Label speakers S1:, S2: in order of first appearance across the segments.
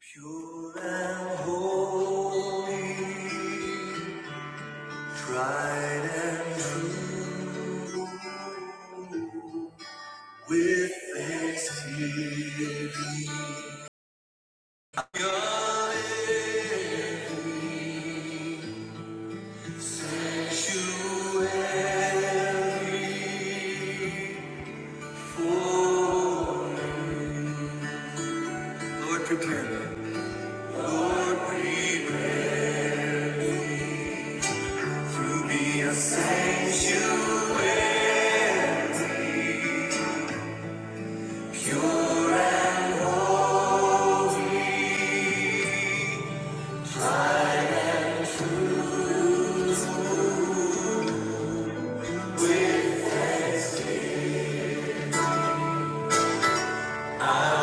S1: Pure and holy, tried and true, with thanksgiving, your name to every foe. Lord, prepare me to be a sanctuary, pure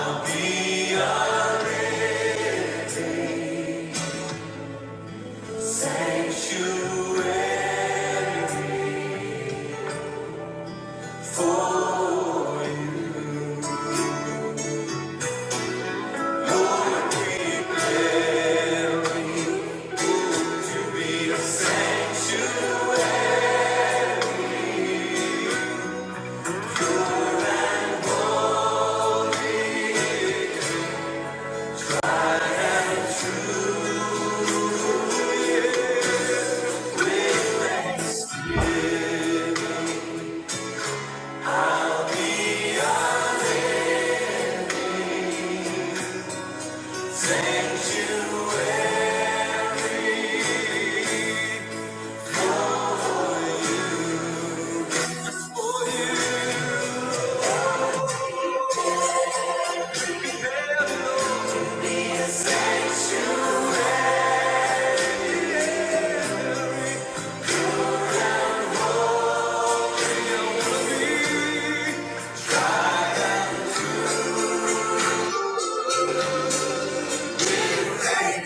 S1: and be a sanctuary. be a sanctuary.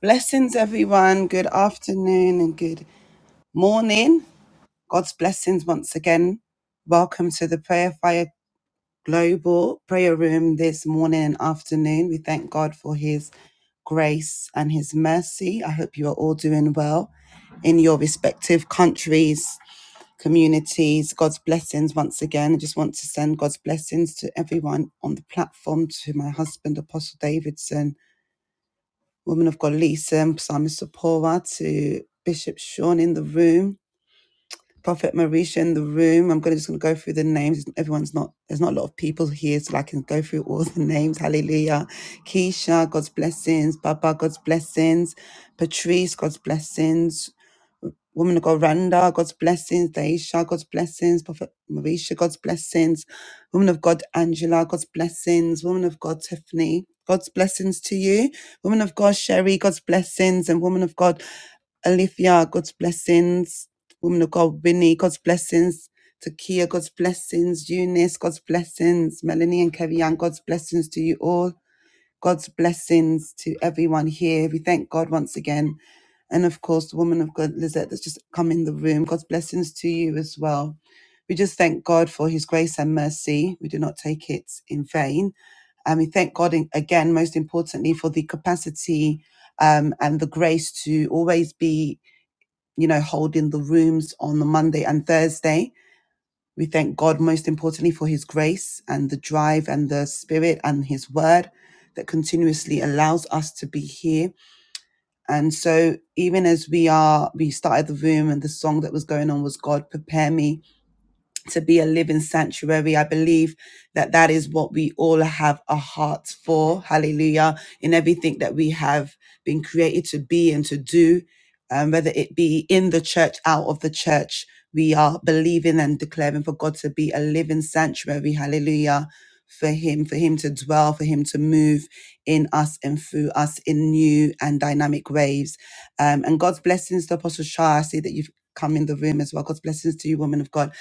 S1: Blessings, everyone. Good afternoon and good morning. God's blessings once again. Welcome to the Prayer Fire Global Prayer Room this morning and afternoon. We thank God for His grace and His mercy. I hope you are all doing well in your respective countries, communities. God's blessings once again. I just want to send God's blessings to everyone on the platform, to my husband, Apostle Davidson, woman of God, Lisa, and Psalmist Sapora, to Bishop Sean in the room Prophet Marisha in the room. I'm gonna just gonna go through the names. Everyone's not there's not a lot of people here, so I can go through all the names. Hallelujah. Keisha, God's blessings. Baba, God's blessings. Patrice, God's blessings. Woman of God, Randa, God's blessings. Daisha, God's blessings. Prophet Marisha, God's blessings. Woman of God, Angela, God's blessings. Woman of God, Tiffany, God's blessings to you. Woman of God, Sherry, God's blessings. And woman of God, Alifia, God's blessings. Woman of God, Winnie, God's blessings. Takia, God's blessings. Eunice, God's blessings. Melanie and Kevian, God's blessings to you all. God's blessings to everyone here. We thank God once again. And of course, the woman of God, Lizette, that's just come in the room. God's blessings to you as well. We just thank God for his grace and mercy. We do not take it in vain. And we thank God in- again, most importantly, for the capacity um, and the grace to always be, you know, holding the rooms on the Monday and Thursday we thank God most importantly for his grace and the drive and the spirit and his word that continuously allows us to be here. And so even as we are we started the room and the song that was going on was God prepare me to be a living sanctuary. I believe that that is what we all have a heart for. Hallelujah. In everything that we have been created to be and to do, um, whether it be in the church, out of the church, we are believing and declaring for God to be a living sanctuary. Hallelujah. For Him, for Him to dwell, for Him to move in us and through us in new and dynamic ways. Um, and God's blessings to Apostle Shah. I see that you've come in the room as well. God's blessings to you, woman of God.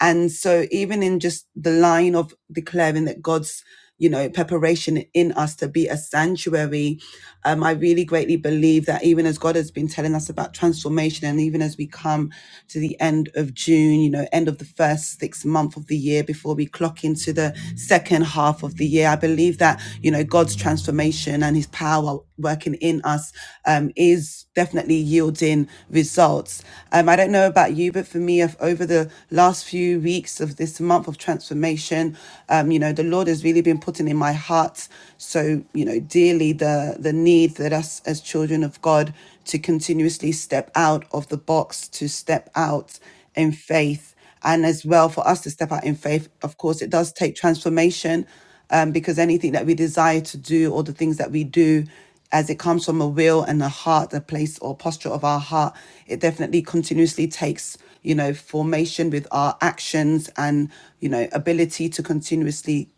S1: And so even in just the line of declaring that God's, you know, preparation in us to be a sanctuary, um, I really greatly believe that even as God has been telling us about transformation and even as we come to the end of June, you know, end of the first six month of the year before we clock into the second half of the year, I believe that, you know, God's transformation transformation and his power working in us um, is definitely yielding results. Um, I don't know about you, but for me, if over the last few weeks of this month of transformation, um, you know, the Lord has really been putting in my heart so, you know, dearly the, the need that us as children of God to continuously step out of the box, to step out in faith and as well for us to step out in faith of course it does take transformation um, because anything that we desire to do or the things that we do as it comes from a will and a heart the place or posture of our heart it definitely continuously takes you know formation with our actions and you know ability to continuously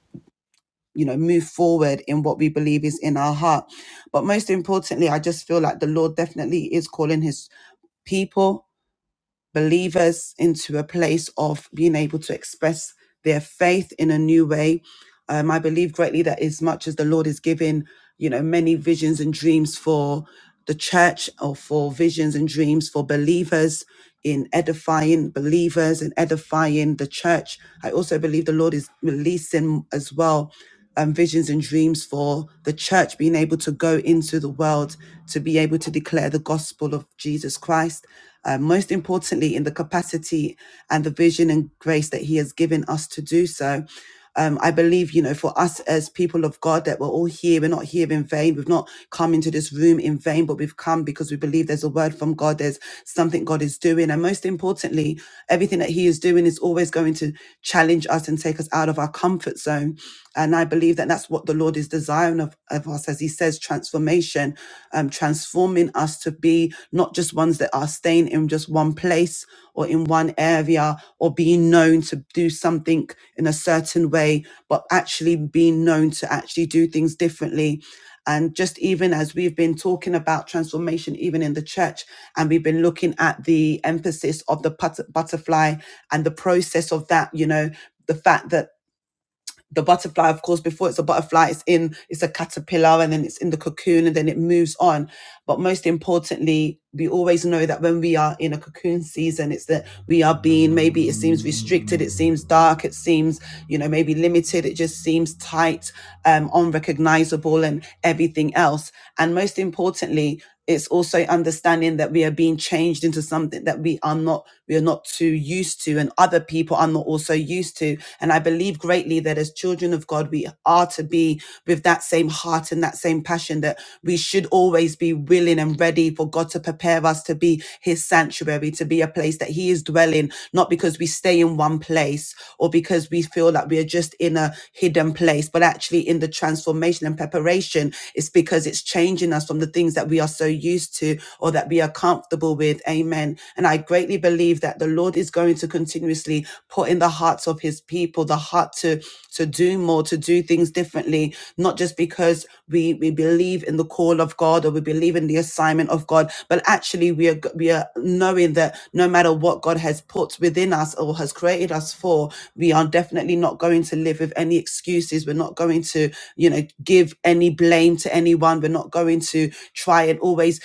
S1: you know move forward in what we believe is in our heart but most importantly i just feel like the lord definitely is calling his people believers into a place of being able to express their faith in a new way. Um, I believe greatly that as much as the Lord is giving, you know, many visions and dreams for the church or for visions and dreams for believers in edifying believers and edifying the church. I also believe the Lord is releasing as well um, visions and dreams for the church being able to go into the world to be able to declare the gospel of Jesus Christ. Uh, most importantly, in the capacity and the vision and grace that He has given us to do so. Um, I believe, you know, for us as people of God, that we're all here. We're not here in vain. We've not come into this room in vain, but we've come because we believe there's a word from God. There's something God is doing. And most importantly, everything that He is doing is always going to challenge us and take us out of our comfort zone so. And I believe that that's what the Lord is desiring of, of us, as He says, transformation, um, transforming us to be not just ones that are staying in just one place or in one area or being known to do something in a certain way, but actually being known to actually do things differently. And just even as we've been talking about transformation, even in the church, and we've been looking at the emphasis of the put- butterfly and the process of that, you know, the fact that the butterfly of course before it's a butterfly it's in it's a caterpillar and then it's in the cocoon and then it moves on but most importantly we always know that when we are in a cocoon season it's that we are being maybe it seems restricted it seems dark it seems you know maybe limited it just seems tight um unrecognizable and everything else and most importantly it's also understanding that we are being changed into something that we are not, we are not too used to, and other people are not also used to. And I believe greatly that as children of God, we are to be with that same heart and that same passion that we should always be willing and ready for God to prepare us to be his sanctuary, to be a place that he is dwelling, not because we stay in one place or because we feel that we are just in a hidden place, but actually in the transformation and preparation, it's because because it's changing us from the things that we are so used to or that we are comfortable with. Amen. And I greatly believe that the Lord is going to continuously put in the hearts of his people the heart to, to do more, to do things differently, not just because we, we believe in the call of God or we believe in the assignment of God, but actually we are, we are knowing that no matter what God has put within us or has created us for, we are definitely not going to live with any excuses. We're not going to, you know, give any blame to anyone. We're not going to try and always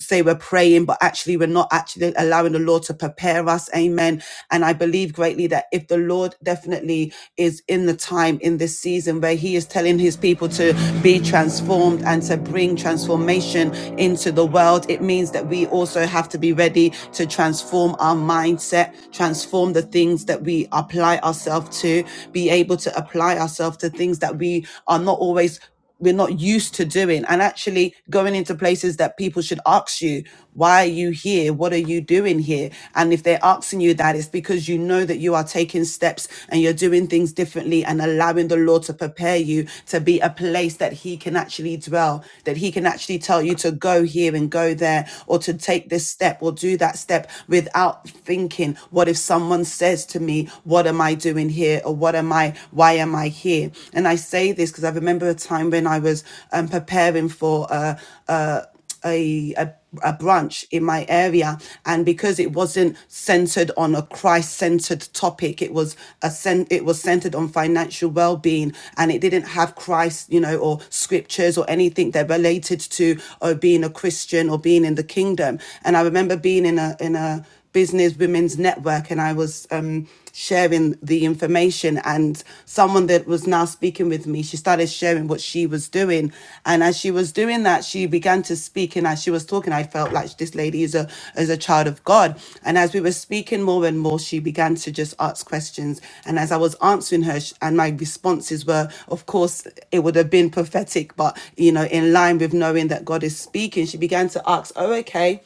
S1: say we're praying, but actually we're not actually allowing the Lord to prepare us. Amen. And I believe greatly that if the Lord definitely is in the time in this season where He is telling His people to be transformed and to bring transformation into the world, it means that we also have to be ready to transform our mindset, transform the things that we apply ourselves to, be able to apply ourselves ourselves to things that we are not always we're not used to doing and actually going into places that people should ask you why are you here what are you doing here and if they're asking you that it's because you know that you are taking steps and you're doing things differently and allowing the lord to prepare you to be a place that he can actually dwell that he can actually tell you to go here and go there or to take this step or do that step without thinking what if someone says to me what am i doing here here or what am I, why am I here? And I say this because I remember a time when I was um, preparing for a, a, a, a a brunch in my area and because it wasn't centered on a christ-centered topic it was a cent it was centered on financial well-being and it didn't have christ you know or scriptures or anything that related to or being a christian or being in the kingdom and i remember being in a in a business women's network and i was sharing the information and someone that was now speaking with me she started sharing what she was doing and as she was doing that she began to speak and as she was talking i felt like this lady is a is a child of god and as we were speaking more and more she began to just ask questions and as i was answering her sh- and my responses were of course it would have been prophetic but you know in line with knowing that god is speaking she began to ask oh okay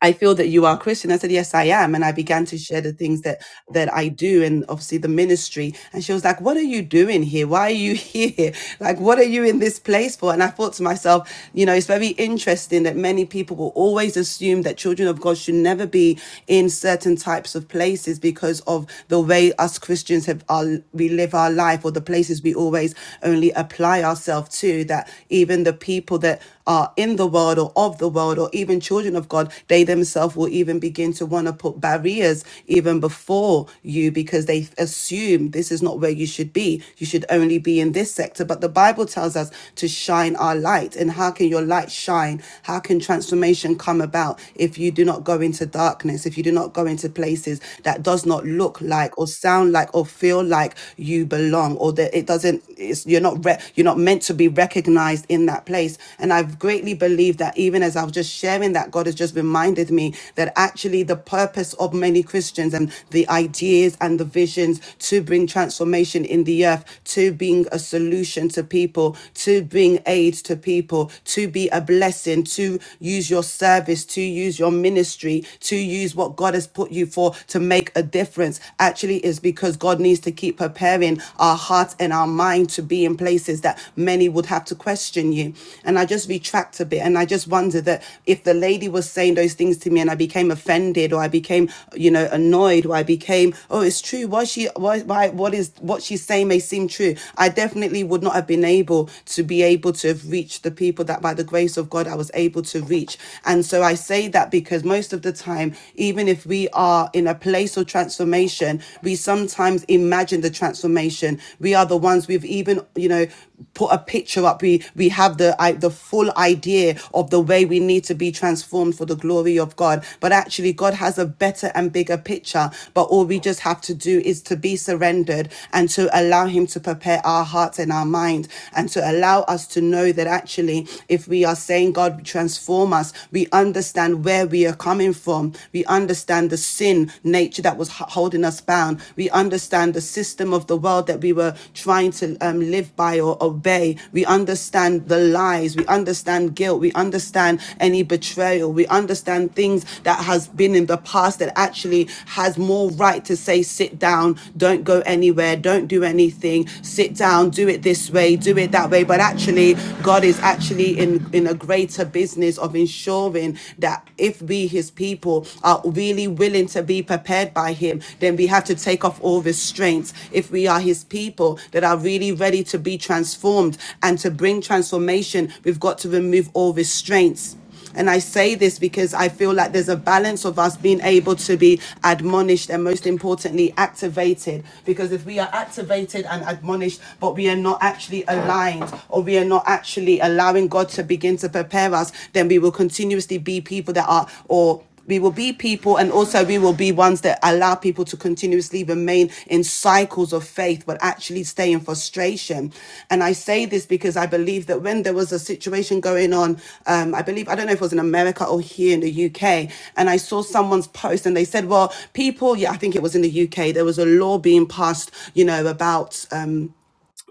S1: I feel that you are Christian. I said, Yes, I am. And I began to share the things that that I do and obviously the ministry. And she was like, What are you doing here? Why are you here? Like, what are you in this place for? And I thought to myself, you know, it's very interesting that many people will always assume that children of God should never be in certain types of places because of the way us Christians have our we live our life or the places we always only apply ourselves to, that even the people that are in the world or of the world or even children of God, they themselves will even begin to want to put barriers even before you because they assume this is not where you should be. You should only be in this sector. But the Bible tells us to shine our light. And how can your light shine? How can transformation come about if you do not go into darkness, if you do not go into places that does not look like or sound like or feel like you belong or that it doesn't, it's, you're not, re- you're not meant to be recognized in that place. And I've greatly believed that even as I was just sharing that, God has just reminded me that actually the purpose of many Christians and the ideas and the visions to bring transformation in the earth, to being a solution to people, to bring aid to people, to be a blessing, to use your service, to use your ministry, to use what God has put you for to make a difference, actually is because God needs to keep her preparing our hearts and our mind to be in places that many would have to question you. And I just retract a bit and I just wonder that if the lady was saying those things to me and I became offended or I became, you know, annoyed or I became, oh, it's true. Why she, why, why, what is, what she's saying may seem true. I definitely would not have been able to be able to have reached the people that by the grace of God I was able to reach. And so I say that because most of the time, even if we are in a place or transformation. We sometimes imagine the transformation. We are the ones we've even, you know, put a picture up. We we have the I, the full idea of the way we need to be transformed for the glory of God. But actually, God has a better and bigger picture. But all we just have to do is to be surrendered and to allow Him to prepare our hearts and our mind and to allow us to know that actually, if we are saying, God, transform us, we understand where we are coming coming from. We understand the sin nature that was holding us bound. We understand the system of the world that we were trying to um, live by or obey. We understand the lies. We understand guilt. We understand any betrayal. We understand things that has been in the past that actually has more right to say, sit down, don't go anywhere, don't do anything, sit down, do it this way, do it that way. But actually, God is actually in, in a greater into business of ensuring that if we, his people, are really willing to be prepared by him, then we have to take off all restraints. If we are his people that are really ready to be transformed and to bring transformation, we've got to remove all restraints. And I say this because I feel like there's a balance of us being able to be admonished and most importantly, activated. Because if we are activated and admonished, but we are not actually aligned or we are not actually allowing God to begin to prepare us, then we will continuously be people that are, or we will be people and also we will be ones that allow people to continuously remain in cycles of faith but actually stay in frustration and i say this because i believe that when there was a situation going on um, i believe i don't know if it was in america or here in the uk and i saw someone's post and they said well people yeah i think it was in the uk there was a law being passed you know about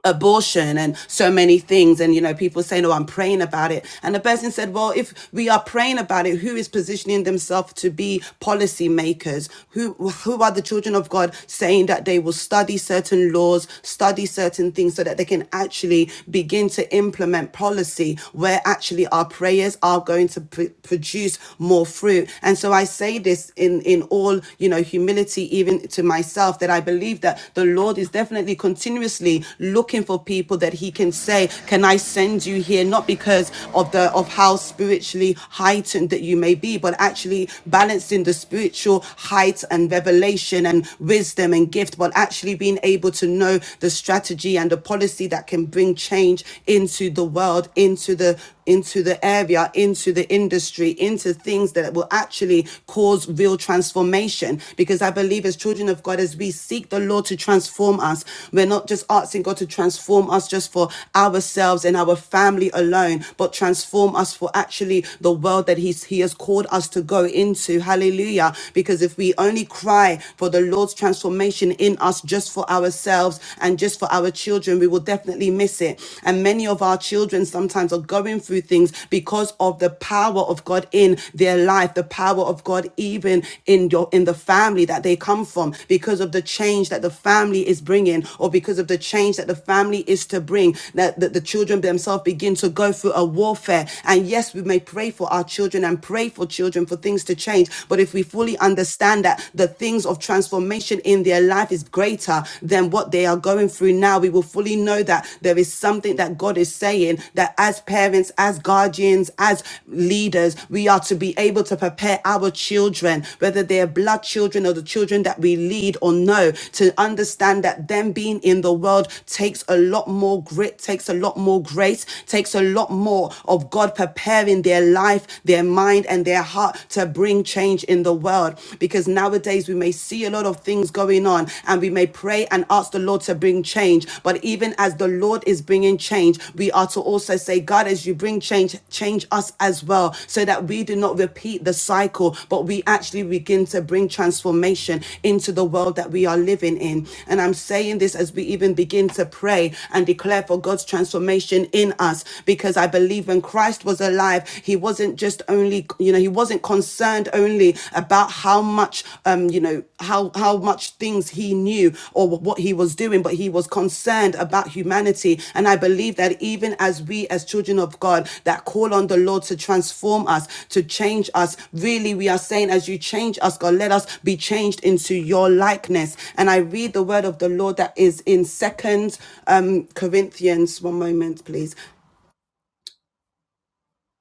S1: abortion and so many things and you know people saying oh i'm praying about it and the person said well if we are praying about it who is positioning themselves to be policy makers who who are the children of god saying that they will study certain laws study certain things so that they can actually begin to implement policy where actually our prayers are going to pr- produce more fruit and so i say this in in all you know humility even to to myself that I believe that the Lord is definitely continuously looking for people that He can say, Can I send you here? Not because of the of how spiritually heightened that you may be, but actually balancing the spiritual height and revelation and wisdom and gift, but actually being able to know the strategy and the policy that can bring change into the world, into the into the area, into the industry, into things that will actually cause real transformation. Because I believe as children of God, as we seek the Lord to transform us, we're not just asking God to transform us just for ourselves and our family alone, but transform us for actually the world that He's He has called us to go into. Hallelujah. Because if we only cry for the Lord's transformation in us just for ourselves and just for our children, we will definitely definitely miss it. And many of our children sometimes are going through things because of the power of God in their life, the power of God even in your in the family that they come from, because of the change that the family is bringing, or because of the change that the family is to bring. That, that the children themselves begin to go through a warfare. And yes, we may pray for our children and pray for children for things to change, but if we fully understand that the things of transformation in their life is greater than what they are going through now. We will fully know that there is something that God is saying that as parents, as guardians, as leaders, we are to be able to prepare our children, whether they are blood children or the children that we lead or know, to understand that them being in the world takes a lot more grit, takes a lot more grace, takes a lot more of God preparing their life, their mind, and their heart to bring change in the world because nowadays we may see a lot of things going on and we may pray and ask the Lord to bring change. But even as the Lord is bringing change, we are to also say, God, as you bring change, change us as well so that we do not repeat the cycle, but we actually begin to bring transformation into the world that we are living in. And I'm saying this as we even begin to pray and declare for God's transformation in us because I believe when Christ was alive, he wasn't just just only, you know, he wasn't concerned only about how much, um, you know, how how much things he knew or what he was doing, but he was concerned about humanity. And I believe that even as we, as children of God, that call on the Lord to transform us, to change us, really, we are saying, as you change us, God, let us be changed into your likeness. And I read the word of the Lord that is in Second um, Corinthians. One moment, please.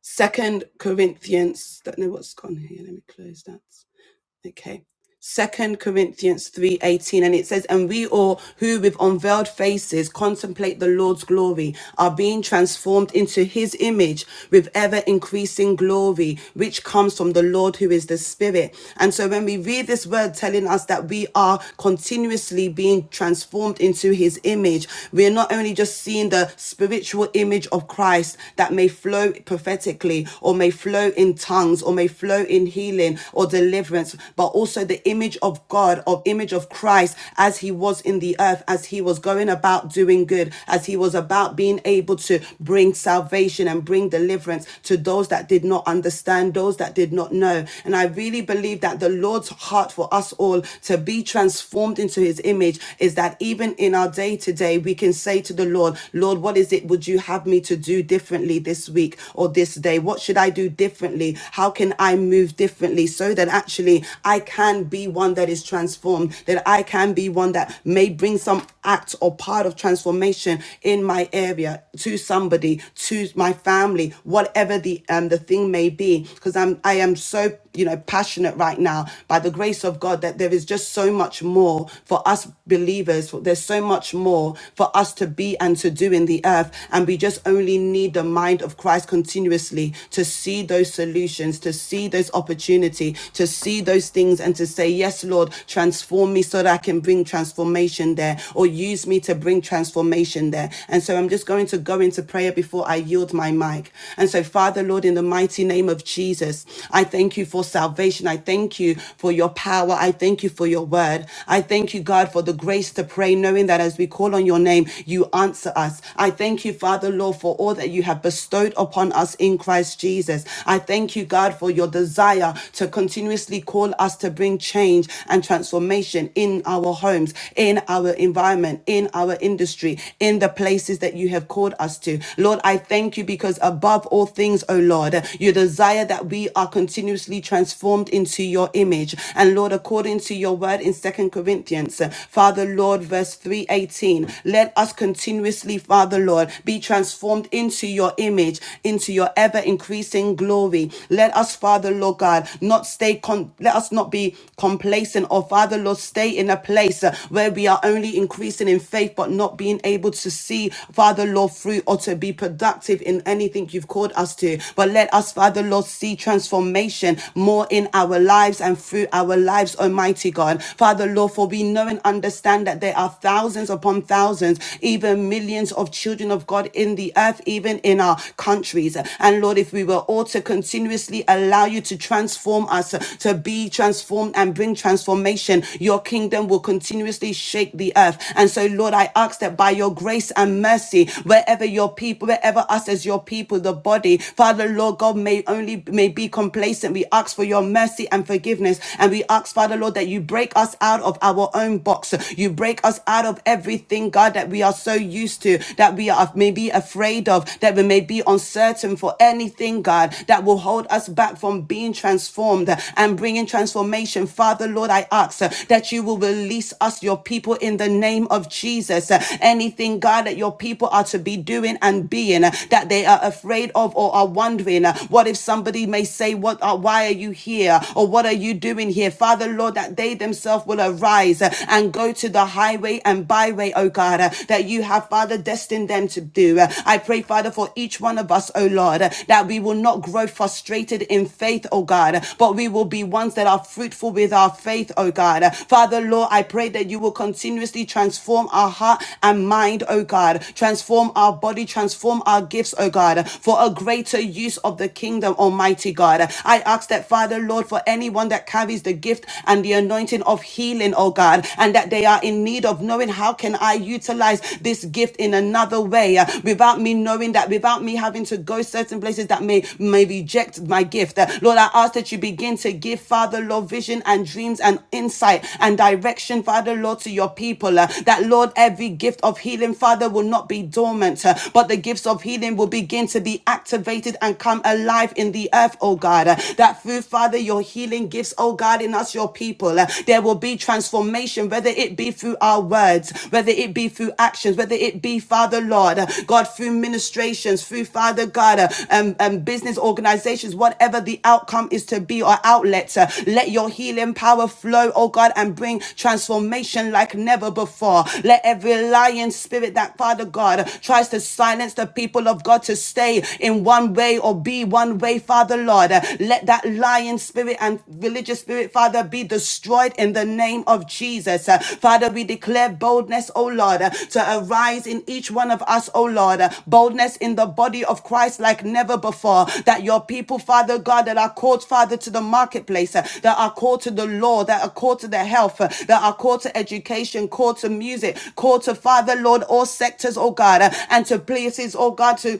S1: Second Corinthians, Don't know what's gone here? Let me close that. Okay. Second Corinthians 3:18 and it says and we all who with unveiled faces contemplate the Lord's glory are being transformed into his image with ever increasing glory which comes from the Lord who is the spirit and so when we read this word telling us that we are continuously being transformed into his image we are not only just seeing the spiritual image of Christ that may flow prophetically or may flow in tongues or may flow in in healing or deliverance, but also the image of God, of image of Christ as he was in the earth, as he was going about doing good, as he was about being able to bring salvation and bring deliverance to those that did not understand, those that did not know. And I really believe that the Lord's heart for us all to be transformed into his image is that even in our day to day, we can say to the Lord, Lord, what is it would you have me to do differently this week or this day? What should I do do differently? How can I move differently so that actually I can be one that is transformed, that I can be one that may bring some act or part of transformation in my area to somebody, to my family, whatever the um the thing may be. Because I'm I am so you know passionate right now by the grace of God that there is just so much more for us believers for- there's so much more for us to be and to do in the earth and we just only need the mind of Christ continuously to see those solutions to see those opportunity to see those things and to say yes Lord transform me so that I can bring transformation there or use me to bring transformation there and so I'm just going to go into prayer before I yield my mic and so Father Lord in the mighty name of Jesus I. thank thank you for salvation. I thank you for your power. I thank you for your word. I thank you, God, for the grace to pray, knowing that as we call on your name, you answer us. I thank you, Father, Lord, for all that you have bestowed upon us in Christ Jesus. I thank you, God, for your desire to continuously call us to bring change and transformation in our homes, in our environment, in our industry, in the places that you have called us to. Lord, I thank you because above all things, O Lord, you desire that we we are continuously transformed into your image. And Lord, according to your word in Second Corinthians, uh, Father Lord, verse 318, let us continuously, Father Lord, be transformed into your image, into your ever increasing glory. Let us, Father Lord God, not stay, con- let us not be complacent or, Father Lord, stay in a place uh, where we are only increasing in faith but not being able to see, Father Lord, through or to be productive in anything you've called us to. But let us, Father Lord, see transformation more in our lives and through our lives, Almighty God. Father, Lord, for we know and understand that there are thousands upon thousands, even millions of children of God in the earth, even in our countries. And Lord, if we were all to continuously allow you to transform us, to be transformed and bring transformation, your kingdom will continuously shake the earth. And so, Lord, I ask that by your grace and mercy, wherever your people, wherever us as your people, the body, Father, Lord God, may may only may be complacent. We ask for your mercy and forgiveness. And we ask, Father Lord, that you break us out of our own box. You break us out of everything, God, that we are so used to, that we are maybe afraid of, that we may be uncertain for anything, God, that will hold us back from being transformed and bringing transformation. Father Lord, I ask uh, that you will release us, your people, in the name of Jesus. Uh, Anything, God, that your people are to be doing and being uh, that they are afraid of or are wondering, doing? Uh, What if somebody may say, "What? Uh, why are you here? Or what are you doing here?" Father, Lord, that they themselves will arise uh, and go to the highway and byway, oh God, uh, that you have, Father, destined them to do. Uh, I pray, Father, for each one of us, oh Lord, uh, that we will not grow frustrated in faith, oh God, uh, but we will be ones that are fruitful with our faith, oh God. Uh, Father, Lord, I pray that you will continuously transform our heart and mind, oh God, transform our body, transform our gifts, oh God, uh, for a greater greater use of the kingdom, Almighty God. I ask that, Father, Lord, for anyone that carries the gift and the anointing of healing, oh God, and that they are in need of knowing how can I utilize this gift in another way uh, without me knowing that, without me having to go certain places that may, may reject my gift. Uh, Lord, I ask that you begin to give, Father, Lord, vision and dreams and insight and direction, Father, Lord, to your people. uh, that, Lord, every gift of healing, Father, will not be dormant, uh, but the gifts of healing will begin to be active activated and come alive in the earth, oh God. That through, Father, your healing gifts, oh God, in us, your people, there will be transformation, whether it be through our words, whether it be through actions, whether it be, Father, Lord, God, through ministrations, through, Father, God, um, um, business organizations, whatever the outcome is to be or outlet, uh, let your healing power flow, oh God, and bring transformation like never before. Let every lying spirit that, Father God, tries to silence the people of God to stay stay in one way or be one way, Father Lord. Uh, Let that lying spirit and religious spirit, Father, be destroyed in the name of Jesus. Uh, Father, we declare boldness, O Lord, uh, to arise in each one of us, O Lord. Uh, Boldness in the body of Christ like never before. That your people, Father God, that are called, Father, to the marketplace, uh, that are called to the law, that are called to the health, uh, that are called to education, called to music, called to Father, Lord, all sectors, O God, uh, and to places, O God, to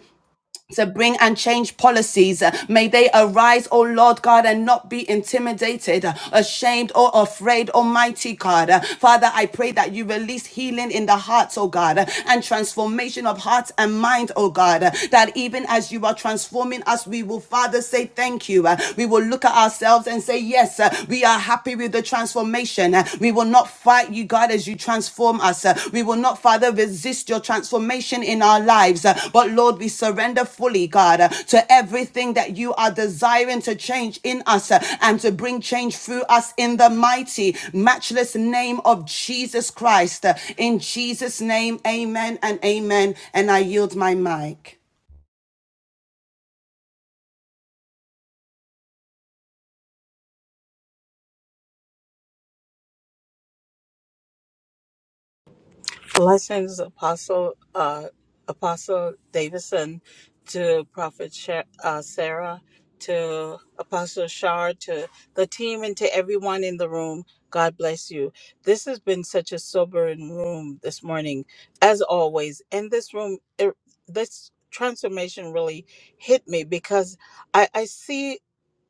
S1: to bring and change policies. Uh, May they arise, O Lord God, and not be intimidated, uh, ashamed, or afraid, Almighty God. Uh, Father, I pray that you release healing in the hearts, O God, uh, and transformation of hearts and mind, O God, uh, that even as you are transforming us, we will, Father, say thank you. Uh, We will look at ourselves and say, Yes, uh, we are happy with the transformation transformation. Uh, We will not fight you, God, as you transform us. Uh, We will not, Father, resist your transformation in our lives. Uh, But Lord, we surrender fully, God, uh, to everything that you are desiring to change in us uh, and to bring change through us in the mighty, matchless name of Jesus Christ. Uh, In Jesus' name, amen and amen. And I yield my mic.
S2: Blessings, Apostle uh, Apostle Davidson, to Prophet Sha- uh, Sarah, to Apostle Shard, to the team, and to everyone in the room. God bless you. This has been such a sobering room this morning, as always. In this room, it, this transformation really hit me because I, I see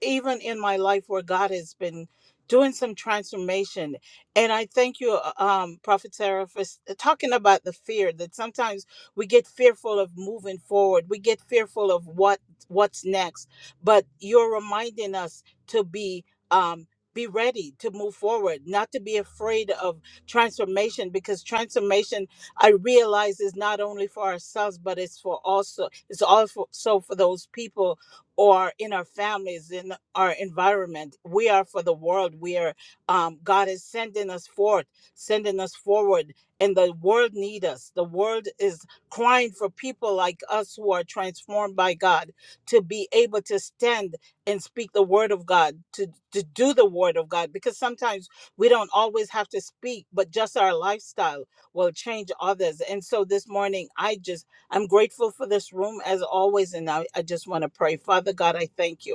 S2: even in my life where God has been doing some transformation and I thank you, uh, um, Prophet Sarah, for s- uh, talking about the fear that sometimes we get fearful of moving forward. We get fearful of what what's next. But you're reminding us to be um, be ready to move forward, not to be afraid of transformation, because transformation I realize is not only for ourselves, but it's for also it's also so for those people or in our families, in our environment. We are for the world. We are um, God is sending us forth, sending us forward, and the world need us. The world is crying for people like us who are transformed by God to be able to stand and speak the word of God, to, to do the word of God, because sometimes we don't always have to speak, but just our lifestyle will change others. And so this morning, I just, I'm grateful for this room as always. And I, I just want to pray. Father God, I thank you.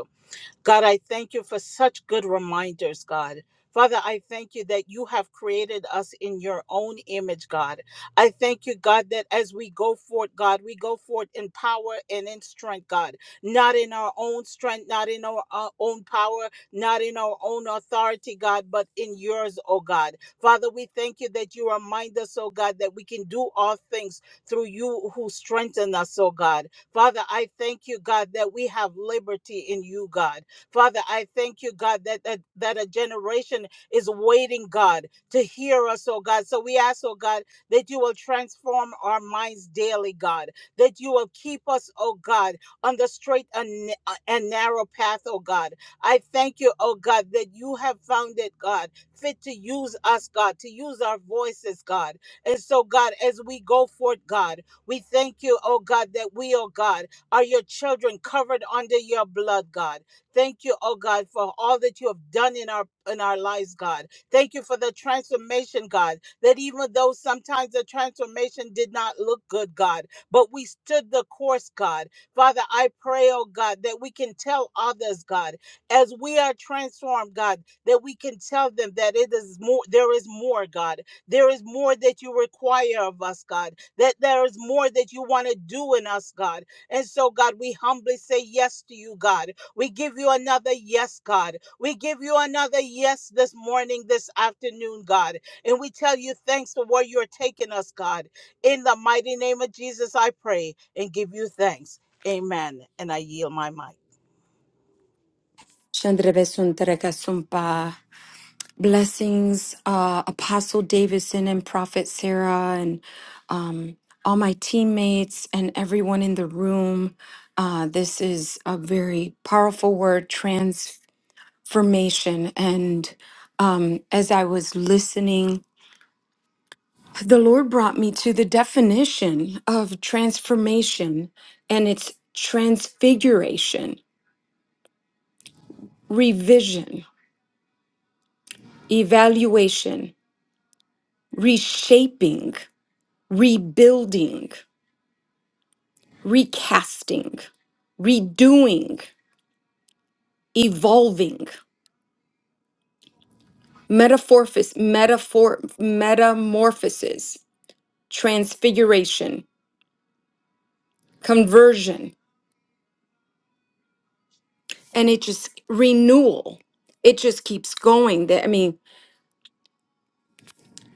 S2: God, I thank you for such good reminders, God. Father, I thank you that you have created us in your own image, God. I thank you, God, that as we go forth, God, we go forth in power and in strength, God. Not in our own strength, not in our, our own power, not in our own authority, God, but in yours, oh God. Father, we thank you that you remind us, oh God, that we can do all things through you who strengthen us, oh God. Father, I thank you, God, that we have liberty in you, God. Father, I thank you, God, that, that, that a generation is waiting, God, to hear us, oh God. So we ask, oh God, that you will transform our minds daily, God, that you will keep us, oh God, on the straight and, na- uh, and narrow path, oh God. I thank you, oh God, that you have found it, God, fit to use us, God, to use our voices, God. And so, God, as we go forth, God, we thank you, oh God, that we, oh God, are your children covered under your blood, God. Thank you, oh God, for all that you have done in our in our lives, God. Thank you for the transformation, God. That even though sometimes the transformation did not look good, God, but we stood the course, God. Father, I pray, oh God, that we can tell others, God, as we are transformed, God, that we can tell them that it is more there is more, God. There is more that you require of us, God. That there is more that you want to do in us, God. And so, God, we humbly say yes to you, God. We give you another yes, God. We give you another yes this morning, this afternoon, God. And we tell you thanks for where you're taking us, God. In the mighty name of Jesus, I pray and give you thanks. Amen. And I yield my mic.
S3: Shandrebesuntarekasumpa. Blessings, uh, Apostle Davidson and Prophet Sarah, and all my teammates and everyone in the room. Uh, this is a very powerful word, transformation. And um, as I was listening, the Lord brought me to the definition of transformation, and it's transfiguration, revision, evaluation, reshaping. rebuilding, recasting, redoing, evolving, metamorphosis, metaphor, metamorphosis, transfiguration, conversion, and it just renewal. It just keeps going. That I mean,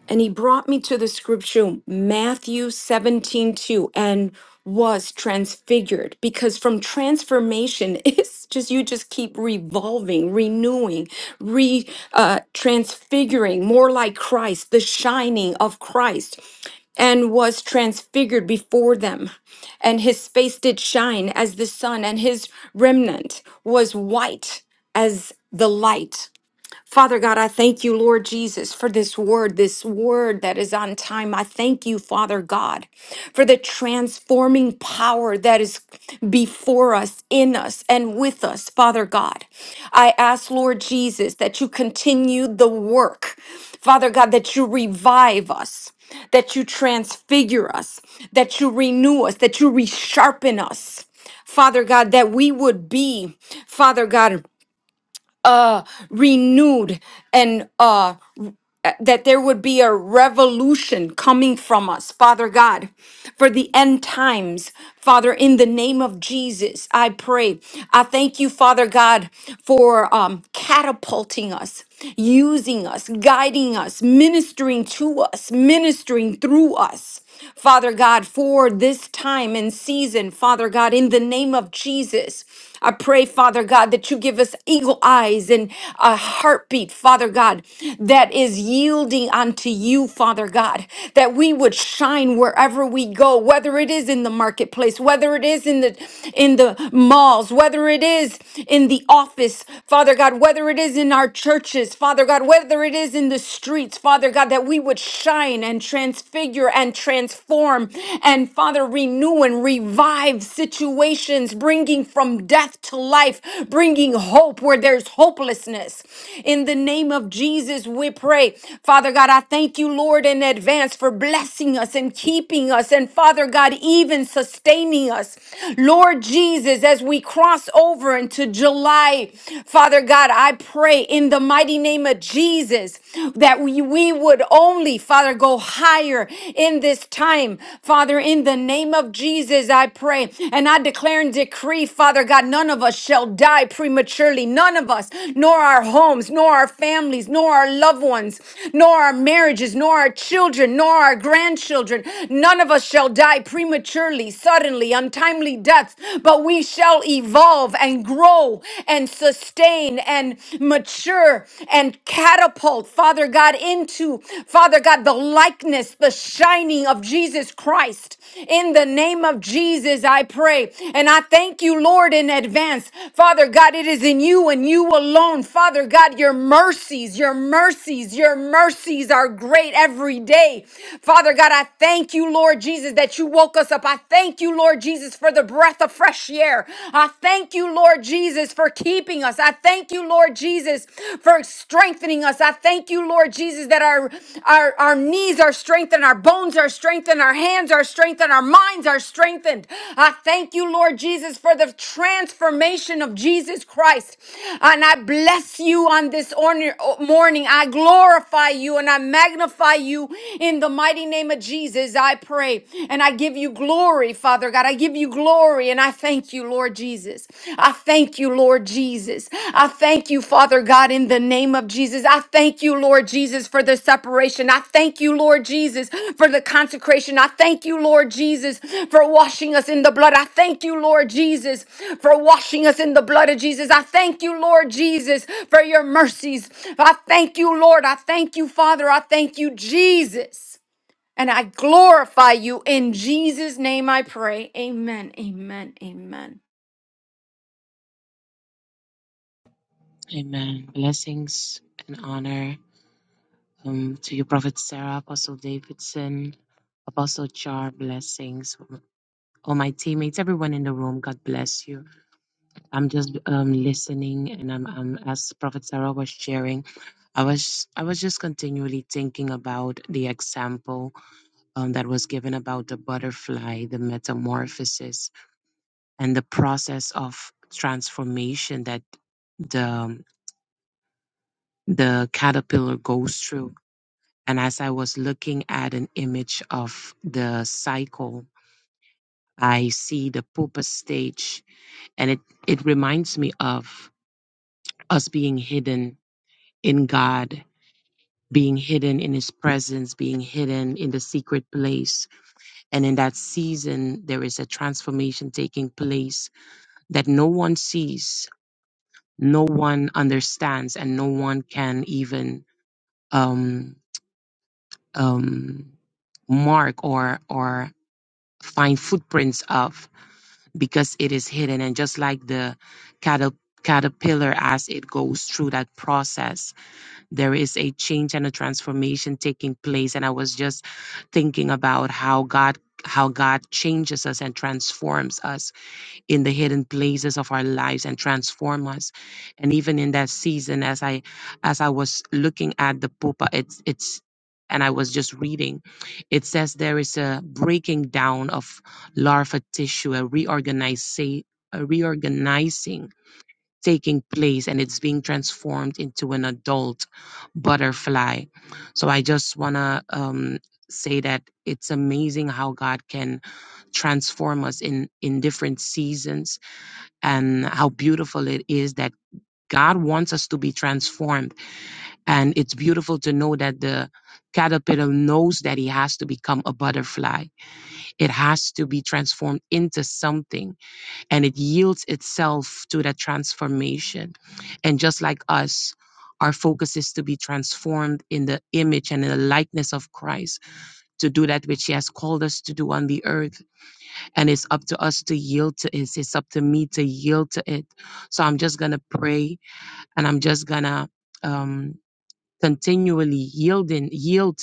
S3: And he brought me to the scripture, Matthew 17 2 and was transfigured because from transformation, it's just you just keep revolving, renewing, re uh, transfiguring more like Christ, the shining of Christ, and was transfigured before them. And his face did shine as the sun, and his remnant was white as the light. Father God, I thank you, Lord Jesus, for this word, this word that is on time. I thank you, Father God, for the transforming power that is before us, in us, and with us, Father God. I ask, Lord Jesus, that you continue the work, Father God, that you revive us. That you transfigure us, that you renew us, that you resharpen us, Father God, that we would be, Father God renewed and uh, uh, that there would be a revolution coming from us, Father God, for the end times. Father, in the name of Jesus, I pray. I thank you, Father God, for um, catapulting us, using us, guiding us, ministering to us, ministering through us. Father God, for this time and season, Father God, in the name of Jesus, I pray, Father God, that you give us eagle eyes and a heartbeat, Father God, that is yielding unto you, Father God, that we would shine wherever we go, whether it is in the marketplace, whether it is in the in the malls, whether it is in the office, Father God, whether it is in our churches, Father God, whether it is in the streets, Father God, that we would shine and transfigure and transform and Father renew and revive situations situations, bringing from death to life, bringing hope where there's hopelessness. In the name of Jesus, we pray. Father God, I thank you, Lord, in advance for blessing us and keeping us, and Father God, even sustaining us. Lord Jesus, as we cross over into July, Father God, I pray in the mighty name of Jesus that we, we would only, Father, go higher in in this time. Father, in the name of Jesus, I pray and I declare and decree, Father God, none of us shall die prematurely. None of us, nor our homes, nor our families, nor our loved ones, nor our marriages, nor our children, nor our grandchildren. None of us shall die prematurely, suddenly, untimely deaths, but we shall evolve and grow and sustain and mature and catapult catapult, Father God, into, Father God, the likeness, the shining of Jesus Christ. In the name of Jesus, I pray. And I thank you, Lord, in advance. Father God, it is in you and you alone. Father God, your mercies, your mercies, your mercies are great every day. Father God, I thank you, Lord Jesus, that you woke us up. I thank you, Lord Jesus, for the breath of fresh air. I thank you, Lord Jesus, for for keeping us. I thank you, Lord Jesus, for strengthening us. I thank you, Lord Jesus, that our our, our knees are strengthened, our bones are strengthened, our hands are strengthened, our minds are strengthened. I thank you, Lord Jesus, for the transformation of Jesus Christ. And I bless you on this orn- morning. I glorify you and I magnify you in the mighty name of Jesus. I pray and I give you glory, Father God. God. I give you glory and I thank you, Lord Jesus. I thank you, Lord Jesus. I thank you, Father God, in the name of Jesus. I thank you, Lord Jesus, for the separation. I thank you, Lord Jesus, for the consecration. I thank you, Lord Jesus, for washing us in the blood. I thank you, Lord Jesus, for washing us in the blood of Jesus. I thank you, Lord Jesus, for your mercies. I thank you, Lord. I thank you, Father. I thank you, Jesus. And I glorify you in Jesus' name I pray. Amen. Amen. Amen.
S4: Amen. Blessings and honor um, to you, Prophet Sarah, Apostle Davidson, Apostle Char. Blessings, all my teammates, everyone in the room. God bless you. I'm just um, listening, and I'm, I'm as Prophet Sarah was sharing. I was I was just continually thinking about the example um, that was given about the butterfly, the metamorphosis, and the process of transformation that the the caterpillar goes through And as I was looking at an image of the cycle, I see the pupa stage, and it, it reminds me of us being hidden in God, being hidden in His presence, being hidden in the secret place. And in that season, there is a transformation taking place that no one sees, no one understands, and no one can even um, um, mark or or find footprints of because it is hidden. And just like the caterp- caterpillar, as it goes through that process, there is a change and a transformation taking place. And I was just thinking about how God how God changes us and transforms us in the hidden places of our lives and transform us and even in that season as i as i was looking at the pupa it's it's and i was just reading it says there is a breaking down of larva tissue a reorganization a reorganizing taking place and it's being transformed into an adult butterfly so i just want to um say that it's amazing how god can transform us in in different seasons and how beautiful it is that God wants us to be transformed. And it's beautiful to know that the caterpillar knows that he has to become a butterfly. It has to be transformed into something and it yields itself to that transformation. And just like us, our focus is to be transformed in the image and in the likeness of Christ to do that which he has called us to do on the earth and it's up to us to yield to it. It's up to me to yield to it. So I'm just gonna pray and I'm just gonna um, continually yield and yield.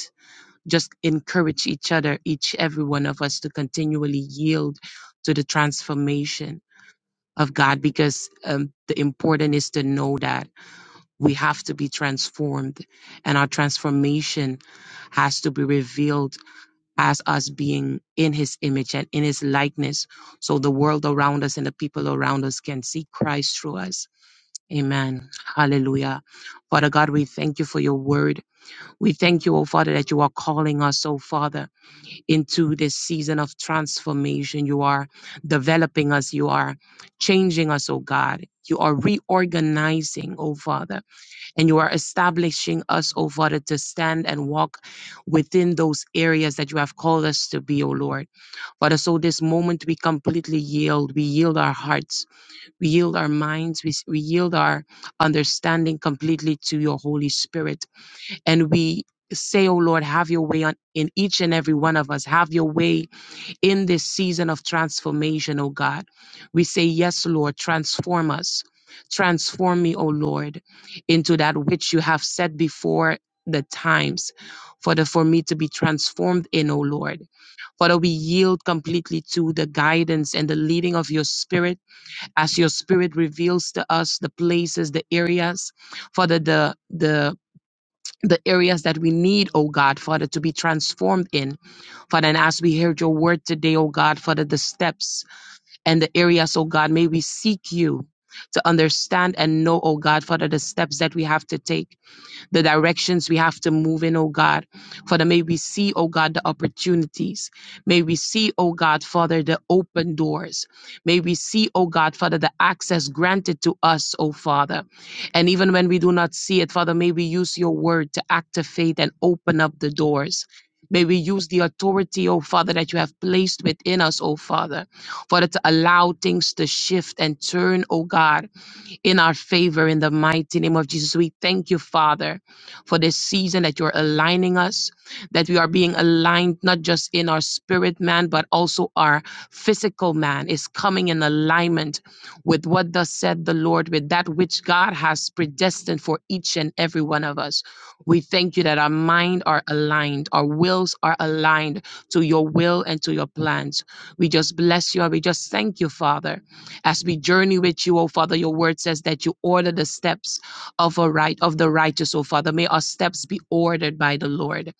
S4: Just encourage each other, each every one of us, to continually yield to the transformation of God, because um, the important is to know that we have to be transformed, and our transformation has to be revealed as us being in his image and in his likeness so the world around us and the people around us can see Christ through us. Amen. Hallelujah. Father God, we thank you for your word. We thank you, oh Father, that you are calling us, oh Father, into this season of transformation. You are developing us. You are changing us, oh God. You are reorganizing, oh Father and you are establishing us, O Father, to stand and walk within those areas that you have called us to be, O Lord. Father, so this moment we completely yield. We yield our hearts. We yield our minds. We, we yield our understanding completely to your Holy Spirit. And we say, O Lord, have your way on, in each and every one of us. Have your way in this season of transformation, oh God. We say, Yes, Lord, transform us. Transform me, O Lord, into that which you have set before the times for the for me to be transformed in, O Lord. Father, we yield completely to the guidance and the leading of your spirit as your spirit reveals to us the places, the areas, Father, the the the areas that we need, oh God, Father, to be transformed in. Father, and as we heard your word today, oh God, Father, the steps and the areas, oh God, may we seek you to understand and know, oh God, Father, the steps that we have to take the directions we have to move in, oh God. Father, may we see, oh God, the opportunities. May we see, oh God, Father, the open doors. May we see, oh God, Father, the access granted to us, oh Father. And even when we do not see it, Father, may we use your word to activate and open up the doors. May we use the authority, oh Father, that you have placed within us, oh Father, Father, to allow things to shift and turn, oh God in our favor in the mighty name of Jesus. We thank you, Father, for this season that you're aligning us, that we are being aligned not just in our spirit man, but also our physical man is coming in alignment with what thus said the Lord, with that which God has predestined for each and every one of us. We thank you that our mind are aligned, our wills are aligned to your will and to your plans. We just bless you and we just thank you, Father. As we journey with you, O Father, your word says that you order the steps of a right of the righteous, O Father. May our steps be ordered by the Lord.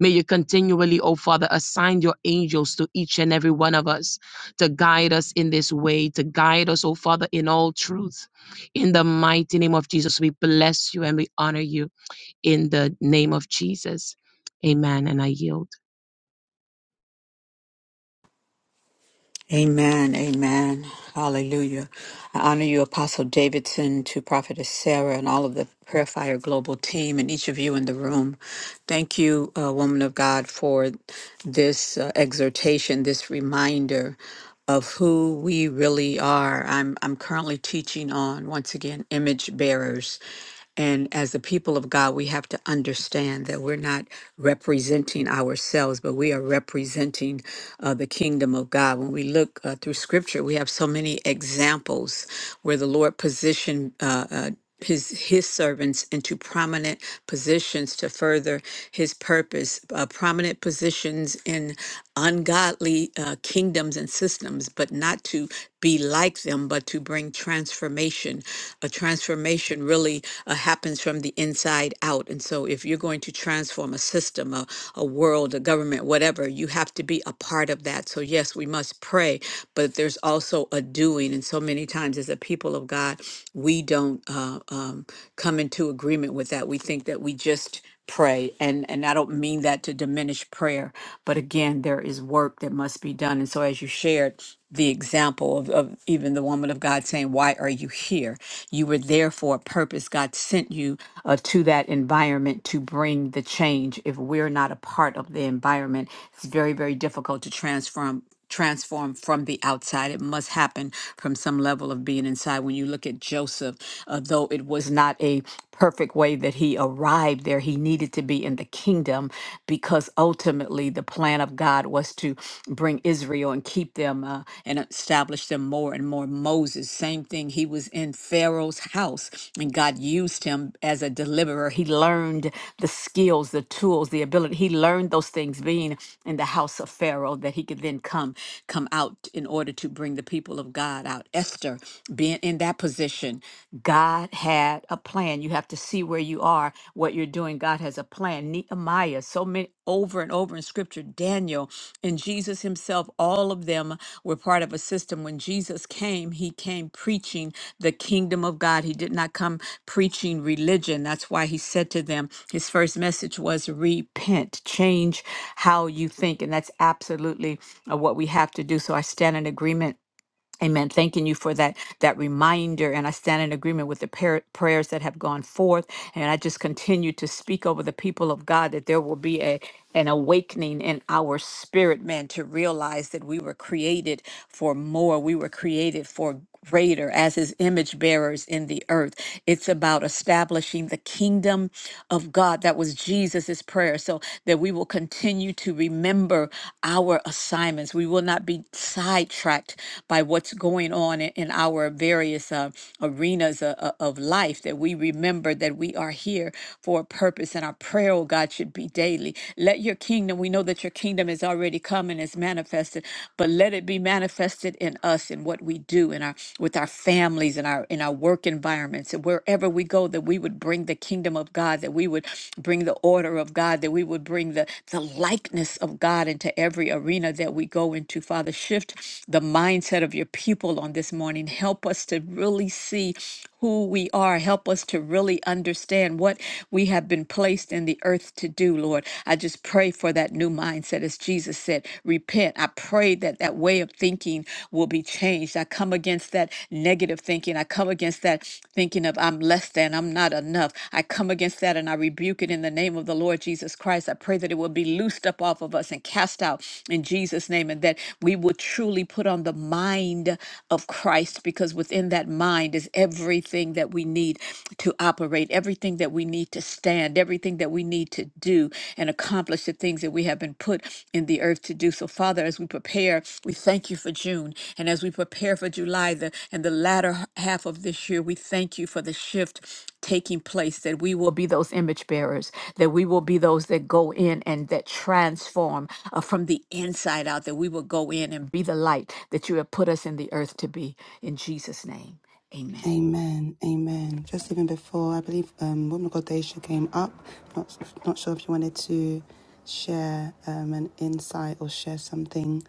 S4: May you continually, O Father, assign your angels to each and every one of us to guide us in this way, to guide us, O Father, in all truth. In the mighty name of Jesus, we bless you and we honor you in the name of Jesus. Amen. And I yield.
S5: Amen. Amen. Hallelujah. I honor you, Apostle Davidson, to Prophetess Sarah, and all of the Prayer Fire Global team, and each of you in the room. Thank you, uh, woman of God, for this uh, exhortation, this reminder of who we really are. I'm I'm currently teaching on once again image bearers, and as the people of God, we have to understand that we're not representing ourselves, but we are representing uh, the kingdom of God. When we look uh, through scripture, we have so many examples where the Lord positioned. Uh, uh, his his servants into prominent positions to further his purpose uh, prominent positions in ungodly uh, kingdoms and systems but not to be like them them, but to bring transformation. A transformation really uh, happens from the inside out. And so, if you're going to transform a system, a, a world, a government, whatever, you have to be a part of that. So, yes, we must pray, but there's also a doing. And so many times, as a people of God, we don't uh, um, come into agreement with that. We think that we just pray and and I don't mean that to diminish prayer but again there is work that must be done and so as you shared the example of, of even the woman of God saying why are you here you were there for a purpose God sent you uh, to that environment to bring the change if we're not a part of the environment it's very very difficult to transform transformed from the outside. It must happen from some level of being inside. When you look at Joseph, uh, though it was not a perfect way that he arrived there, he needed to be in the kingdom because ultimately the plan of God was to bring Israel and keep them uh, and establish them more and more. Moses, same thing. He was in Pharaoh's house. And God used him as a deliverer. He learned the skills, the tools, the ability. He learned those things being in the house of Pharaoh that he could then come come out in order to bring the people of God out. Esther being in that position, God had a plan. You have to see where you are, what you're doing. God has a plan. Nehemiah, so so many over and over in scripture Daniel and Jesus himself all of them were part of a system when Jesus came he came preaching the kingdom of God he did not come preaching religion that's why he said to them his first message was repent change how you think and that's absolutely uh, what we have to do so I stand in agreement Amen. Thanking you for that that reminder, and I stand in agreement with the par- prayers that have gone forth, and I just continue to speak over the people of God that there will be a an awakening in our spirit, man, to realize that we were created for more. We were created for greater as his image bearers in the earth. It's about establishing the kingdom of God. That was Jesus's prayer. So that we will continue to remember our assignments. We will not be sidetracked by what's going on in, in our various uh, arenas of, of life, that we remember that we are here for a purpose and our prayer, oh God, should be daily. Let your kingdom, we know that your kingdom is already come and is manifested manifested, but let it be manifested in us in what we do in our with our families in our in our work environments and wherever we go, that we would bring the kingdom of God, that we would bring the order of God, that we would bring the, the likeness of God into every arena that we go into. Father, shift the mindset of your people on this morning. Help us to really see who we are. Help us to really understand what we have been placed in the earth to do, Lord. I just pray for that new mindset. As Jesus said, repent. I pray that that way of thinking will be changed. I come against that negative thinking. I come against that thinking of I'm less than, I'm not enough. I come against that and I rebuke it in the name of the Lord Jesus Christ. I pray that it will be loosed up off of us and cast out in Jesus' name and that we will truly put on the mind of Christ because within that mind is everything that we need to operate, everything that we need to stand, everything that we need to do and accomplish the things that we have been put in the earth to do. So, Father, as we prepare, we thank you for June. And as we prepare for July the, and the latter half of this year, we thank you for the shift taking place that we will be those image bearers, that we will be those that go in and that transform uh, from the inside out, that we will go in and be the light that you have put us in the earth to be. In Jesus' name. Amen.
S1: Amen, amen. Just even before, I believe um, Woman of God Daisha came up. Not not sure if you wanted to share um, an insight or share something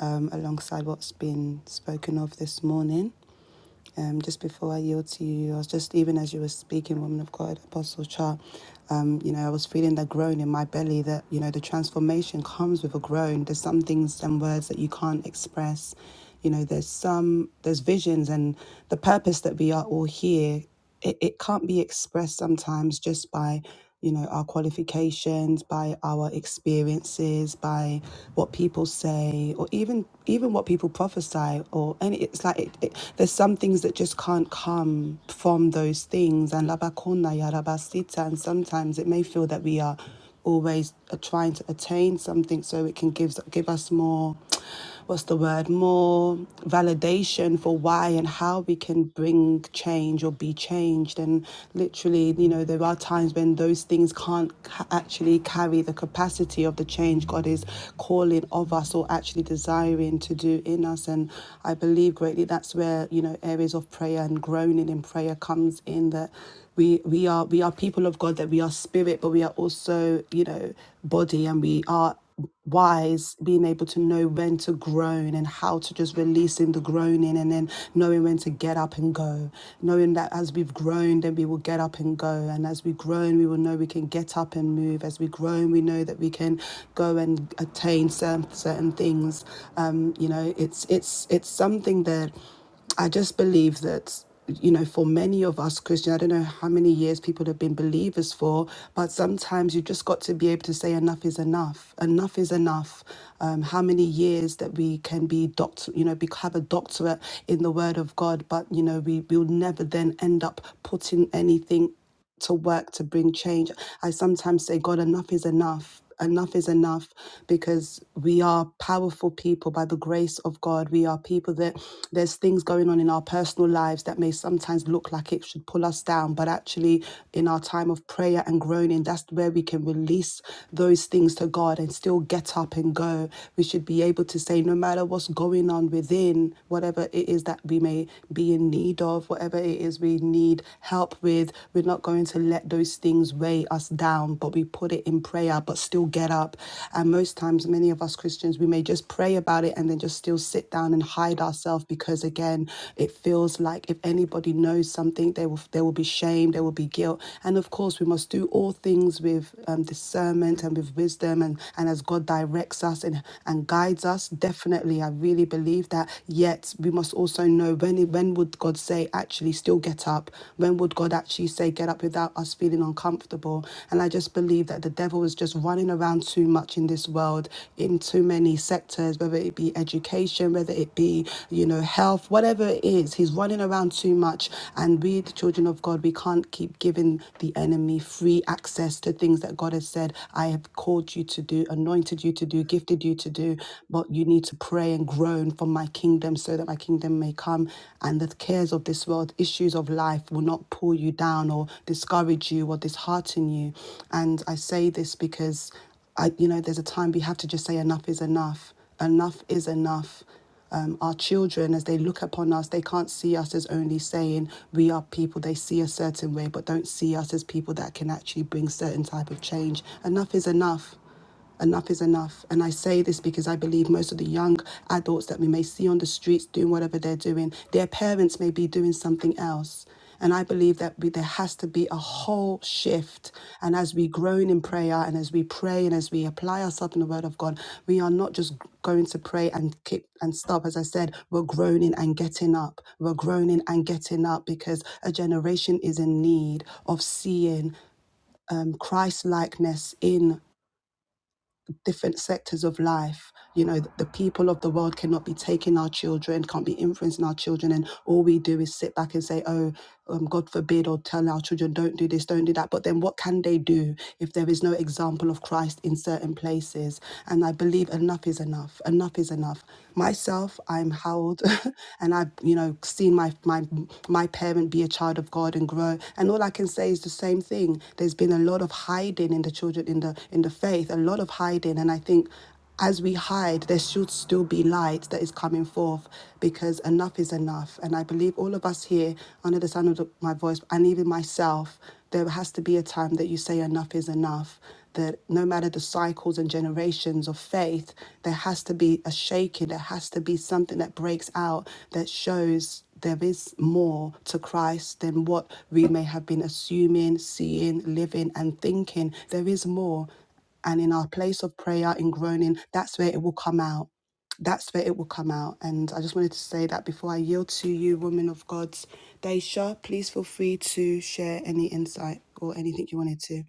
S1: um, alongside what's been spoken of this morning. Um, just before I yield to you, I was just even as you were speaking, woman of God, Apostle Char, um, you know, I was feeling that groan in my belly that, you know, the transformation comes with a groan. There's some things and words that you can't express. You know, there's some there's visions and the purpose that we are all here it, it can't be expressed sometimes just by you know our qualifications by our experiences by what people say or even even what people prophesy or any it's like it, it, there's some things that just can't come from those things and labakona ya rabasita and sometimes it may feel that we are always uh, trying to attain something so it can give give us more what's the word, more validation for why and how we can bring change or be changed. And literally, you know, there are times when those things can't ca- actually carry the capacity of the change God is calling of us or actually desiring to do in us. And I believe greatly that's where, you know, areas of prayer and groaning in prayer comes in that we we are we are people of God that we are spirit, but we are also you know body, and we are wise being able to know when to groan and how to just releasing the groaning and then knowing when to get up and go knowing that as we've grown then we will get up and go and as we groan we will know we can get up and move as we groan we know that we can go and attain certain, certain things um, you know it's it's it's something that I just believe that, you know, for many of us Christian, I don't know how many years people have been believers for, but sometimes you just got to be able to say enough is enough. Enough is enough. Um, how many years that we can be doctor, you know, be, have a doctorate in the Word of God, but you know, we we will never then end up putting anything to work to bring change. I sometimes say, God, enough is enough. Enough is enough because we are powerful people by the grace of God. We are people that there's things going on in our personal lives that may sometimes look like it should pull us down, but actually, in our time of prayer and groaning, that's where we can release those things to God and still get up and go. We should be able to say, no matter what's going on within, whatever it is that we may be in need of, whatever whatever it is we need help with. We're not going to let those things weigh us down, but we put it in prayer, but still get up. And most times, many of us Christians, we may just pray about it and then just still sit down and hide ourselves because, again, it feels like if anybody knows something, they will there will be shame, there will be guilt, and of course, we must do all things with um, discernment and with wisdom, and and as God directs us and and guides us. Definitely, I really believe that. Yet yet we must also know when when would God say actually still get up? When would God actually say get up without us feeling uncomfortable? And I just believe that the devil is just running around too much in this world in too many sectors, whether it be education, whether it be you know health, whatever it is, he's running around too much. And we, the children of God, we can't keep giving the enemy free access to things that God has said I have called you to do, anointed you to do, gifted you to do you, but you need to pray and groan for my kingdom so that my kingdom may come and the cares of this world, issues of life will not pull you down or discourage you or dishearten you. And I say this because I, you know, there's a time we have to just say enough is enough. Enough is enough um, our children, as they look upon us, they can't see us as only saying we are people. They see a certain way, but don't see us as people that can actually bring certain type of change. Enough is enough. Enough is enough. And I say this because I believe most of the young adults that we may see on the streets doing whatever they're doing, their parents may be doing something else. And I believe that we, there has to be a whole shift. And as we groan in prayer and as we pray and as we apply ourselves in the word of God, we are not just going to pray and keep and stop. As I said, we're groaning and getting up. We're groaning and getting up because a generation is in need of seeing Christ likeness in different sectors of life. You know, the, the people of the world cannot be taking our children, can't be influencing our children. And all we do is sit back and say, oh, um, God forbid, or tell our children, don't do this, don't do that. But then what can they do if there is no example of Christ in certain places? And I believe enough enough is enough. Enough is enough. Myself, I'm held, and I've you know seen my my my parent be a child of God and grow. And all I can say is the same thing. There's been a lot of hiding in the children in the in the faith. A lot of hiding, and I think as we hide, there should still be light that is coming forth because enough is enough. And I believe all of us here, under the sound of the- my voice, and even myself, there has to be be a time that you say enough is enough, that no matter the cycles and generations of faith, there has to be a shaking, there has to be something that breaks out that shows there is more to Christ than what we may have been assuming, seeing, living, and thinking. There is more. And in our place of prayer and groaning, that's where it will come out that's where it will come out. And I just wanted to say that before I yield to you, women of God, Daisha, please feel free to share any insight or anything you wanted to.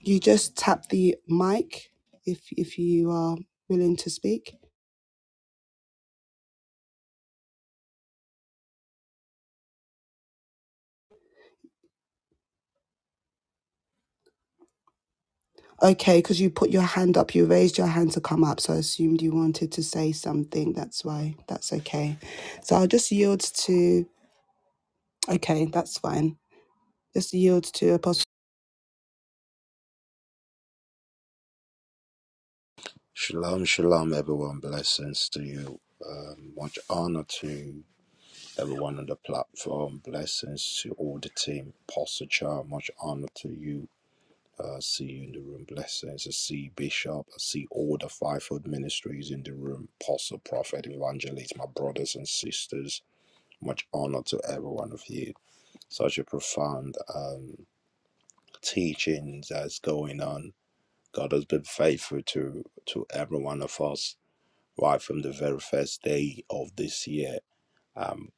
S1: You just tap the mic if if you are willing to speak. Okay, because you put your hand up, you raised your hand to come up, so I assumed you wanted to say something. That's why that's okay. So I'll just yield to. Okay, that's fine. Just yield to Apostle.
S6: Shalom, shalom, everyone. Blessings to you. Um, much honor to everyone on the platform. Blessings to all the team. Pastor Child, much honor to you. Uh, see you in the room. Blessings. I see Bishop. I see all the fivefold ministries in the room. Apostle, prophet, evangelist, my brothers and sisters. Much honor to every one of you. Such a profound um, teaching that's going on. God has been faithful to to every one of us right from the very first day of this year. Um,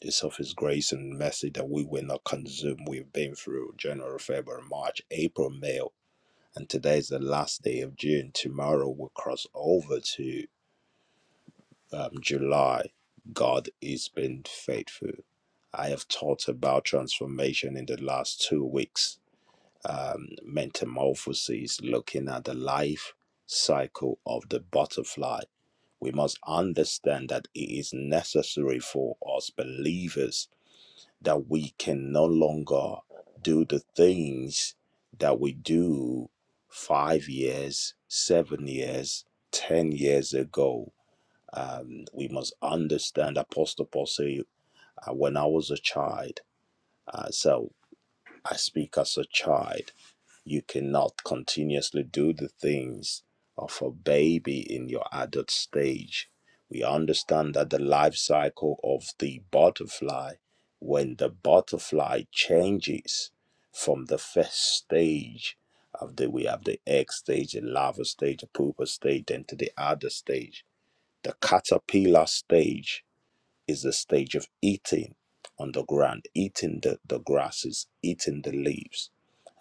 S6: it's of His grace and mercy that we were not consumed. We've been through January, February, March, April, May, and today is the last day of June. Tomorrow we'll cross over to um, July. God has been faithful. I have taught about transformation in the last two weeks um, metamorphosis. looking at the life cycle of the butterfly. We must understand that it is necessary for us believers that we can no longer do the things that we do five years, seven years, ten years ago. Um, we must understand Apostle Paul say, uh, when I was a child, uh, so I speak as a child you cannot continuously do the things of a baby in your adult stage. We understand that the life cycle of the butterfly, when the butterfly changes from the first stage of the we have the egg stage, the larva stage, the pupa stage, then to the adult stage, the caterpillar stage, is the stage of eating on the ground, eating the, the grasses, eating the leaves.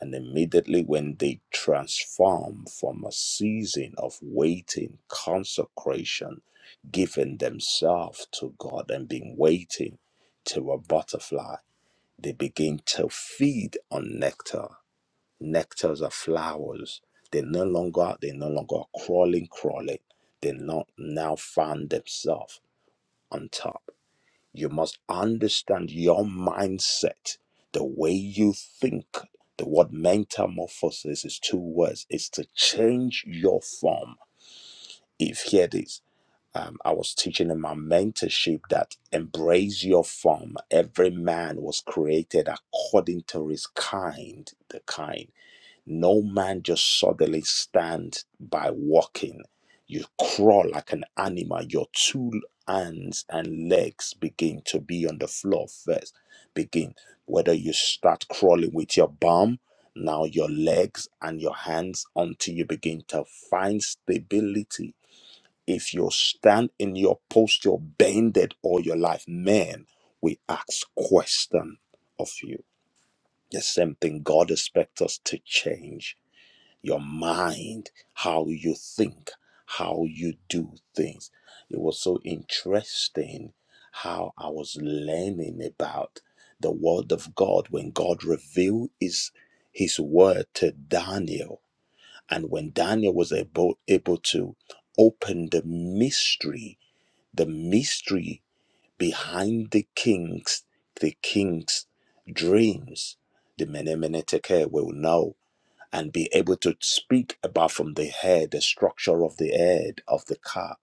S6: And immediately when they transform from a season of waiting, consecration, giving themselves to God and being waiting to a butterfly, they begin to feed on nectar. Nectars are flowers. They no longer they no longer are crawling, crawling. They not now find themselves on top. You must understand your mindset, the way you think. The word metamorphosis is two words. It's to change your form. If here it is, um, I was teaching in my mentorship that embrace your form. Every man was created according to his kind, the kind. No man just suddenly stand by walking. You crawl like an animal. Your two hands and legs begin to be on the floor first. Begin. Whether you start crawling with your bum, now your legs and your hands until you begin to find stability. If you stand in your posture bended all your life, man, we ask question of you. The same thing God expects us to change your mind, how you think, how you do things. It was so interesting how I was learning about the word of God when God revealed his his word to Daniel. And when Daniel was able, able to open the mystery, the mystery behind the king's, the king's dreams, the Menemeneteke will know and be able to speak about from the head, the structure of the head of the car,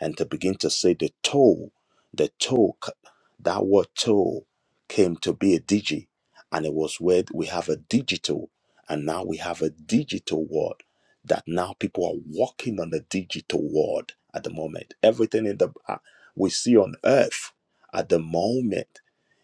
S6: and to begin to say the toe, the toe, c- that word toe came to be a digi, and it was where we have a digital, and now we have a digital word that now people are walking on the digital world at the moment. Everything in the uh, we see on earth at the moment,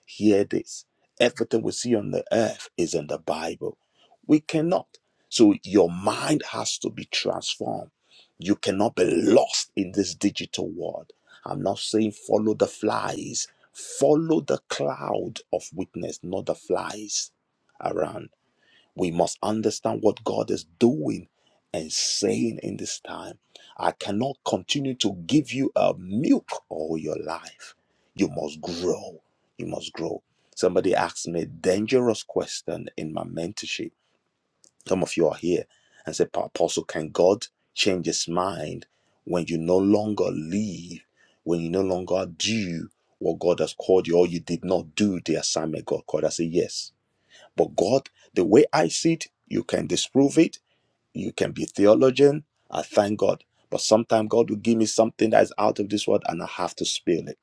S6: hear this. Everything we see on the earth is in the Bible. We cannot. So your mind has to be transformed. You cannot be lost in this digital world. I'm not saying follow the flies, follow the cloud of witness, not the flies around. We must understand what God is doing and saying in this time. I cannot continue to give you a milk all your life. You must grow. You must grow. Somebody asked me a dangerous question in my mentorship some of you are here and say, Apostle, can God change his mind when you no longer leave, when you no longer do what God has called you, or you did not do the assignment God called? I say, Yes. But God, the way I see it, you can disprove it, you can be theologian. I thank God. But sometimes God will give me something that is out of this world and I have to spill it.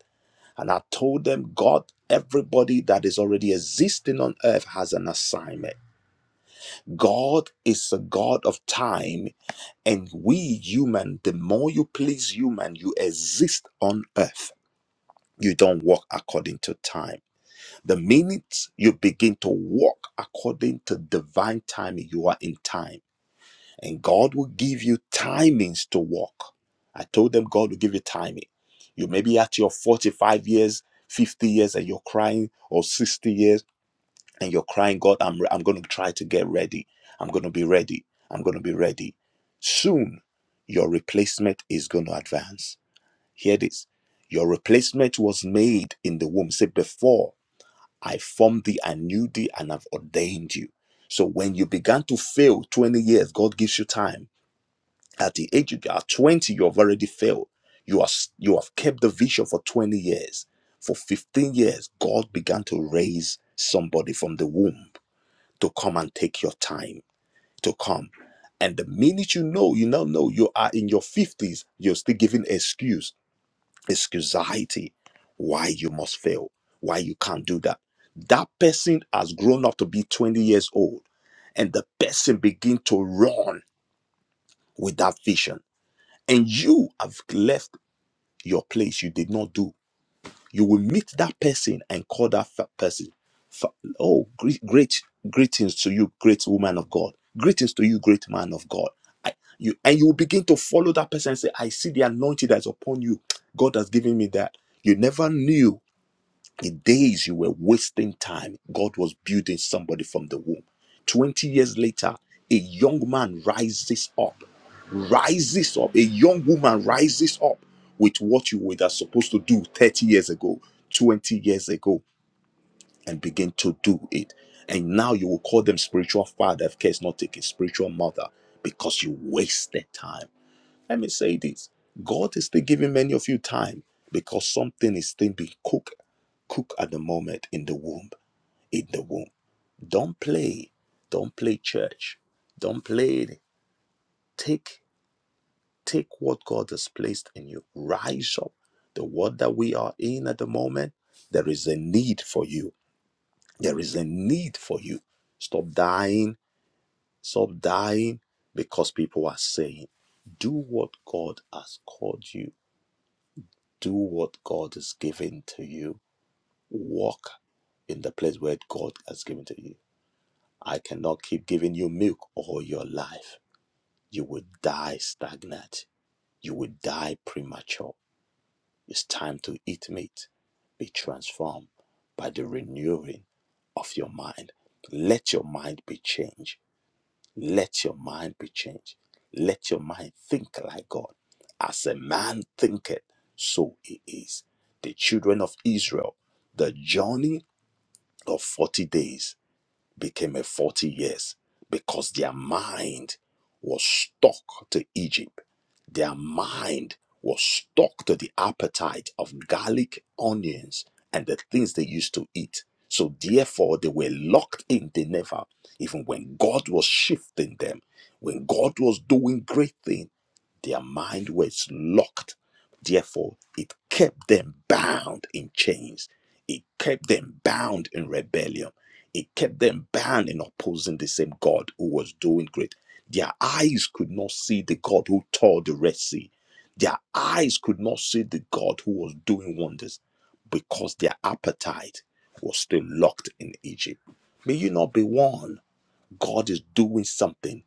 S6: And I told them, God, everybody that is already existing on earth has an assignment God is a God of time, and we human, the more you please human, you exist on earth. You don't walk according to time. The minute you begin to walk according to divine timing, you are in time. And God will give you timings to walk. I told them God will give you timing. You may be at your 45 years, 50 years, and you're crying, or 60 years and you're crying, God, I'm, re- I'm going to try to get ready. I'm going to be ready. I'm going to be ready. Soon, your replacement is going to advance. Hear this. Your replacement was made in the womb. Say, before I formed thee, I knew thee, and I've ordained you. So when you began to fail 20 years, God gives you time. At the age you are 20, you have already failed. You are s- you have kept the vision for 20 years. For 15 years, God began to raise somebody from the womb to come and take your time to come. And the minute you know, you now know you are in your 50s, you're still giving excuse, excusiety, why you must fail, why you can't do that. That person has grown up to be 20 years old, and the person begin to run with that vision. And you have left your place you did not do You will meet that person and call that fa- person. fa- Oh, gre- great greetings to you, great woman of God. Greetings to you, great man of God. I, you and you will begin to follow that person and say, I see the anointing that's upon you. God has given me that. You never knew in days you were wasting time, God was building somebody from the womb. 20 years later, a young man rises up, rises up, a young woman rises up with what you were that supposed to do 30 years ago, 20 years ago, and begin to do it. And now you will call them spiritual father, if care is not taken, spiritual mother, because you wasted time. Let me say this God is still giving many of you time because something is still being cooked, cooked at the moment in the womb. In the womb. Don't play. Don't play church. Don't play Take, take what God has placed in you. Rise up. The world that we are in at the moment, there is a need for you. There is a need for you. Stop dying. Stop dying because people are saying, do what God has called you do what God has given to you. Walk in the place where God has given to you. I cannot keep giving you milk all your life. You will die stagnant. You will die premature. It's time to eat meat. Be transformed by the renewing of your mind. Let your mind be changed let your mind be changed. Let your mind think like God. As a man thinketh, so he is. The children of Israel, the journey of 40 days became a 40 years because their mind was stuck to Egypt. Their mind was stuck to the appetite of garlic, onions, and the things they used to eat. So therefore, they were locked in. They never, even when God was shifting them, when God was doing great things. Their mind was locked. Therefore, it kept them bound in chains. It kept them bound in rebellion. It kept them bound in opposing the same God who was doing great. Their eyes could not see the God who tore the Red Sea. Their eyes could not see the God who was doing wonders because their appetite was still locked in Egypt. May you not be one. God is doing something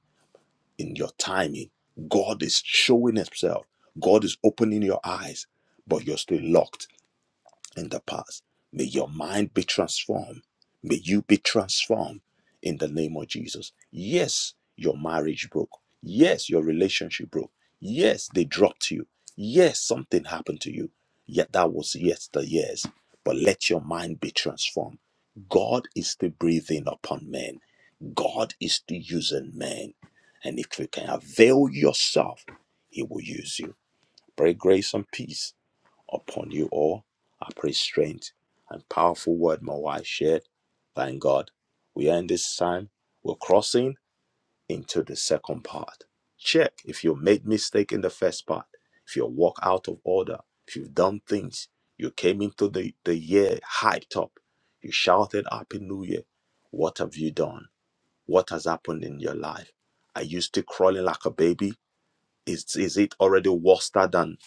S6: in your timing. God is showing Himself. God is opening your eyes, but you're still locked in the past. May your mind be transformed. May you be transformed in the name of Jesus. Yes, your marriage broke. Yes, your relationship broke. Yes, they dropped you. Yes, something happened to you. Yet that was yes years. But let your mind be transformed. God is still breathing upon men. God is still using man. And if you can avail yourself, he will use you. Pray grace and peace upon you all. I pray strength and powerful word my wife shared. Thank God. We are in this time. We're crossing into the second part. Check if you made mistake in the first part, if you walk out of order, if you've done things, you came into the, the year hyped up, you shouted Happy New Year. What have you done? What has happened in your life? Are you still crawling like a baby? Is, is it already worse than,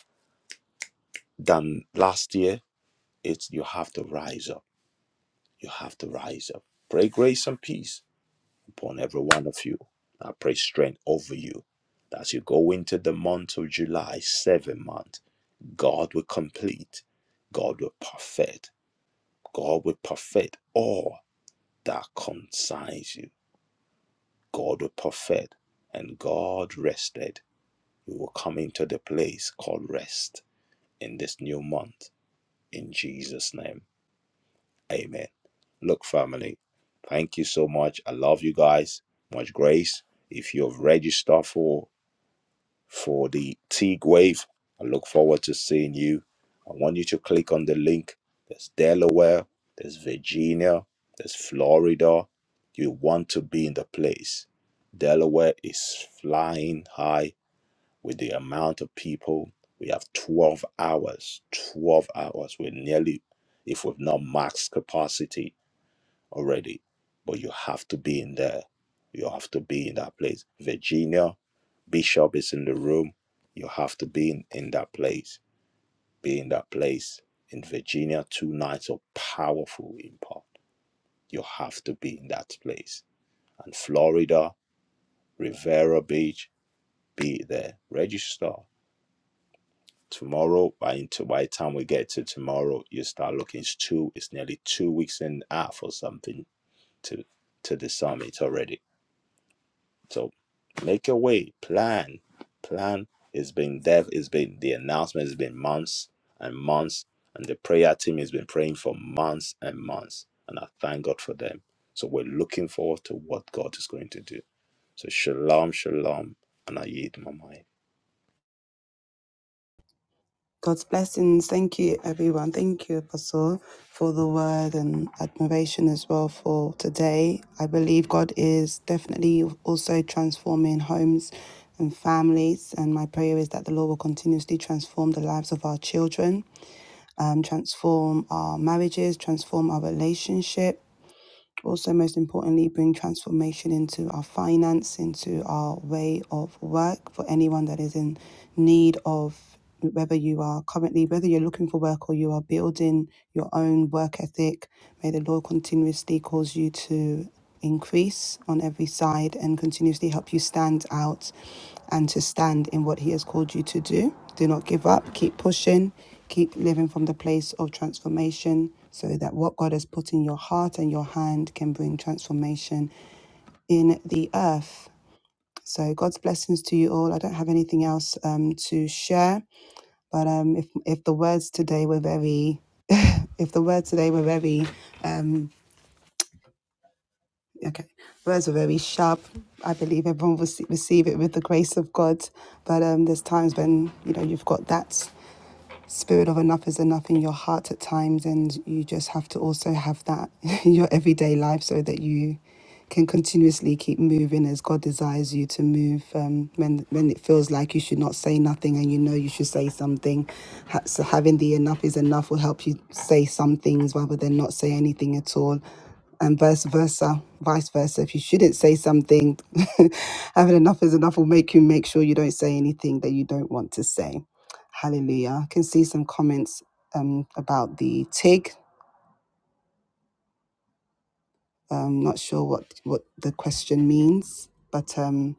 S6: than last year? It's you have to rise up. You have to rise up. Pray grace and peace upon every one of you. I pray strength over you. As you go into the month of July, seven month, God will complete, God will perfect, God will perfect all that concerns you. God will perfect, and God rested. You will come into the place called rest in this new month. In Jesus' name, amen. Look, family, thank you so much. I love you guys. Much grace. If you have registered for for the Teague Wave, I look forward to seeing you. I want you to click on the link. There's Delaware, there's Virginia, there's Florida. You want to be in the place. Delaware is flying high with the amount of people we have 12 hours 12 hours we're nearly if we've not max capacity already but you have to be in there you have to be in that place virginia bishop is in the room you have to be in, in that place be in that place in virginia two nights of powerful impact you have to be in that place and florida rivera beach be there register tomorrow by into by the time we get to tomorrow you start looking it's two it's nearly two weeks and a half or something to to the summit already so make your way plan plan it's been there it's been the announcement has been months and months and the prayer team has been praying for months and months and i thank god for them so we're looking forward to what god is going to do so shalom shalom and i yield my mind
S1: God's blessings. Thank you, everyone. Thank you, Apostle, for the word and admiration as well for today. I believe God is definitely also transforming homes and families. And my prayer is that the Lord will continuously transform the lives of our children, um, transform our marriages, transform our relationship. Also, most importantly, bring transformation into our finance, into our way of work for anyone that is in need of whether you are currently, whether you're looking for work or you are building your own work ethic, may the Lord continuously cause you to increase on every side and continuously help you stand out and to stand in what He has called you to do. Do not give up, keep pushing, keep living from the place of transformation so that what God has put in your heart and your hand can bring transformation in the earth. So God's blessings to you all. I don't have anything else um, to share, but um, if if the words today were very if the words today were very um. Okay. Words were very sharp. I believe everyone will see- receive it with the grace of God. But um, there's times when, you know, you've got that spirit of enough is enough in your heart at times and you just have to also have that in your everyday life so that you can continuously keep moving as God desires you to move um, when when it feels like you should not say nothing and you know you should say something. Ha- So having the enough is enough will help you say some things rather than not say anything at all and vice versa, vice versa. If you shouldn't say something, having enough is enough will make you make sure you don't say anything that you don't want to say. Hallelujah. I can see some comments um, about the TIG. I'm not sure what, what the question means, but um,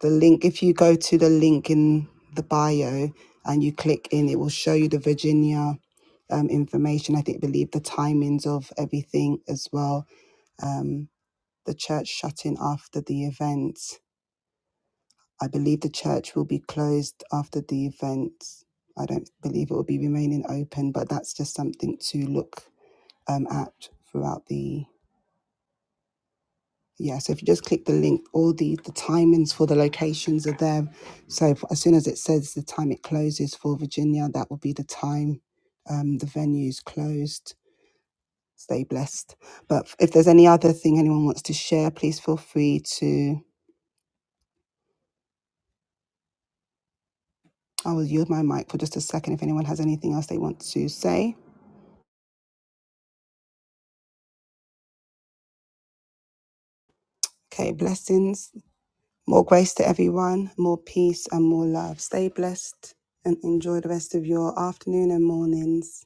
S1: the link, if you go to the link in the bio and you click in, it will show you the Virginia um, information. I think, believe the timings of everything as well. Um, the church shutting after the event. I believe the church will be closed after the event. I don't believe it will be remaining open, but that's just something to look um, at throughout the yeah. So if you just click the link, all the the timings for the locations are there. So if- as soon as it says the time it closes for Virginia, that will be the time um, the venue's closed. Stay blessed. But if there's any other thing anyone wants to share, please feel free to. I will yield my mic for just a second if anyone has anything else they want to say. Okay, blessings, more grace to everyone, more peace and more love. Stay blessed and enjoy the rest of your afternoon and mornings.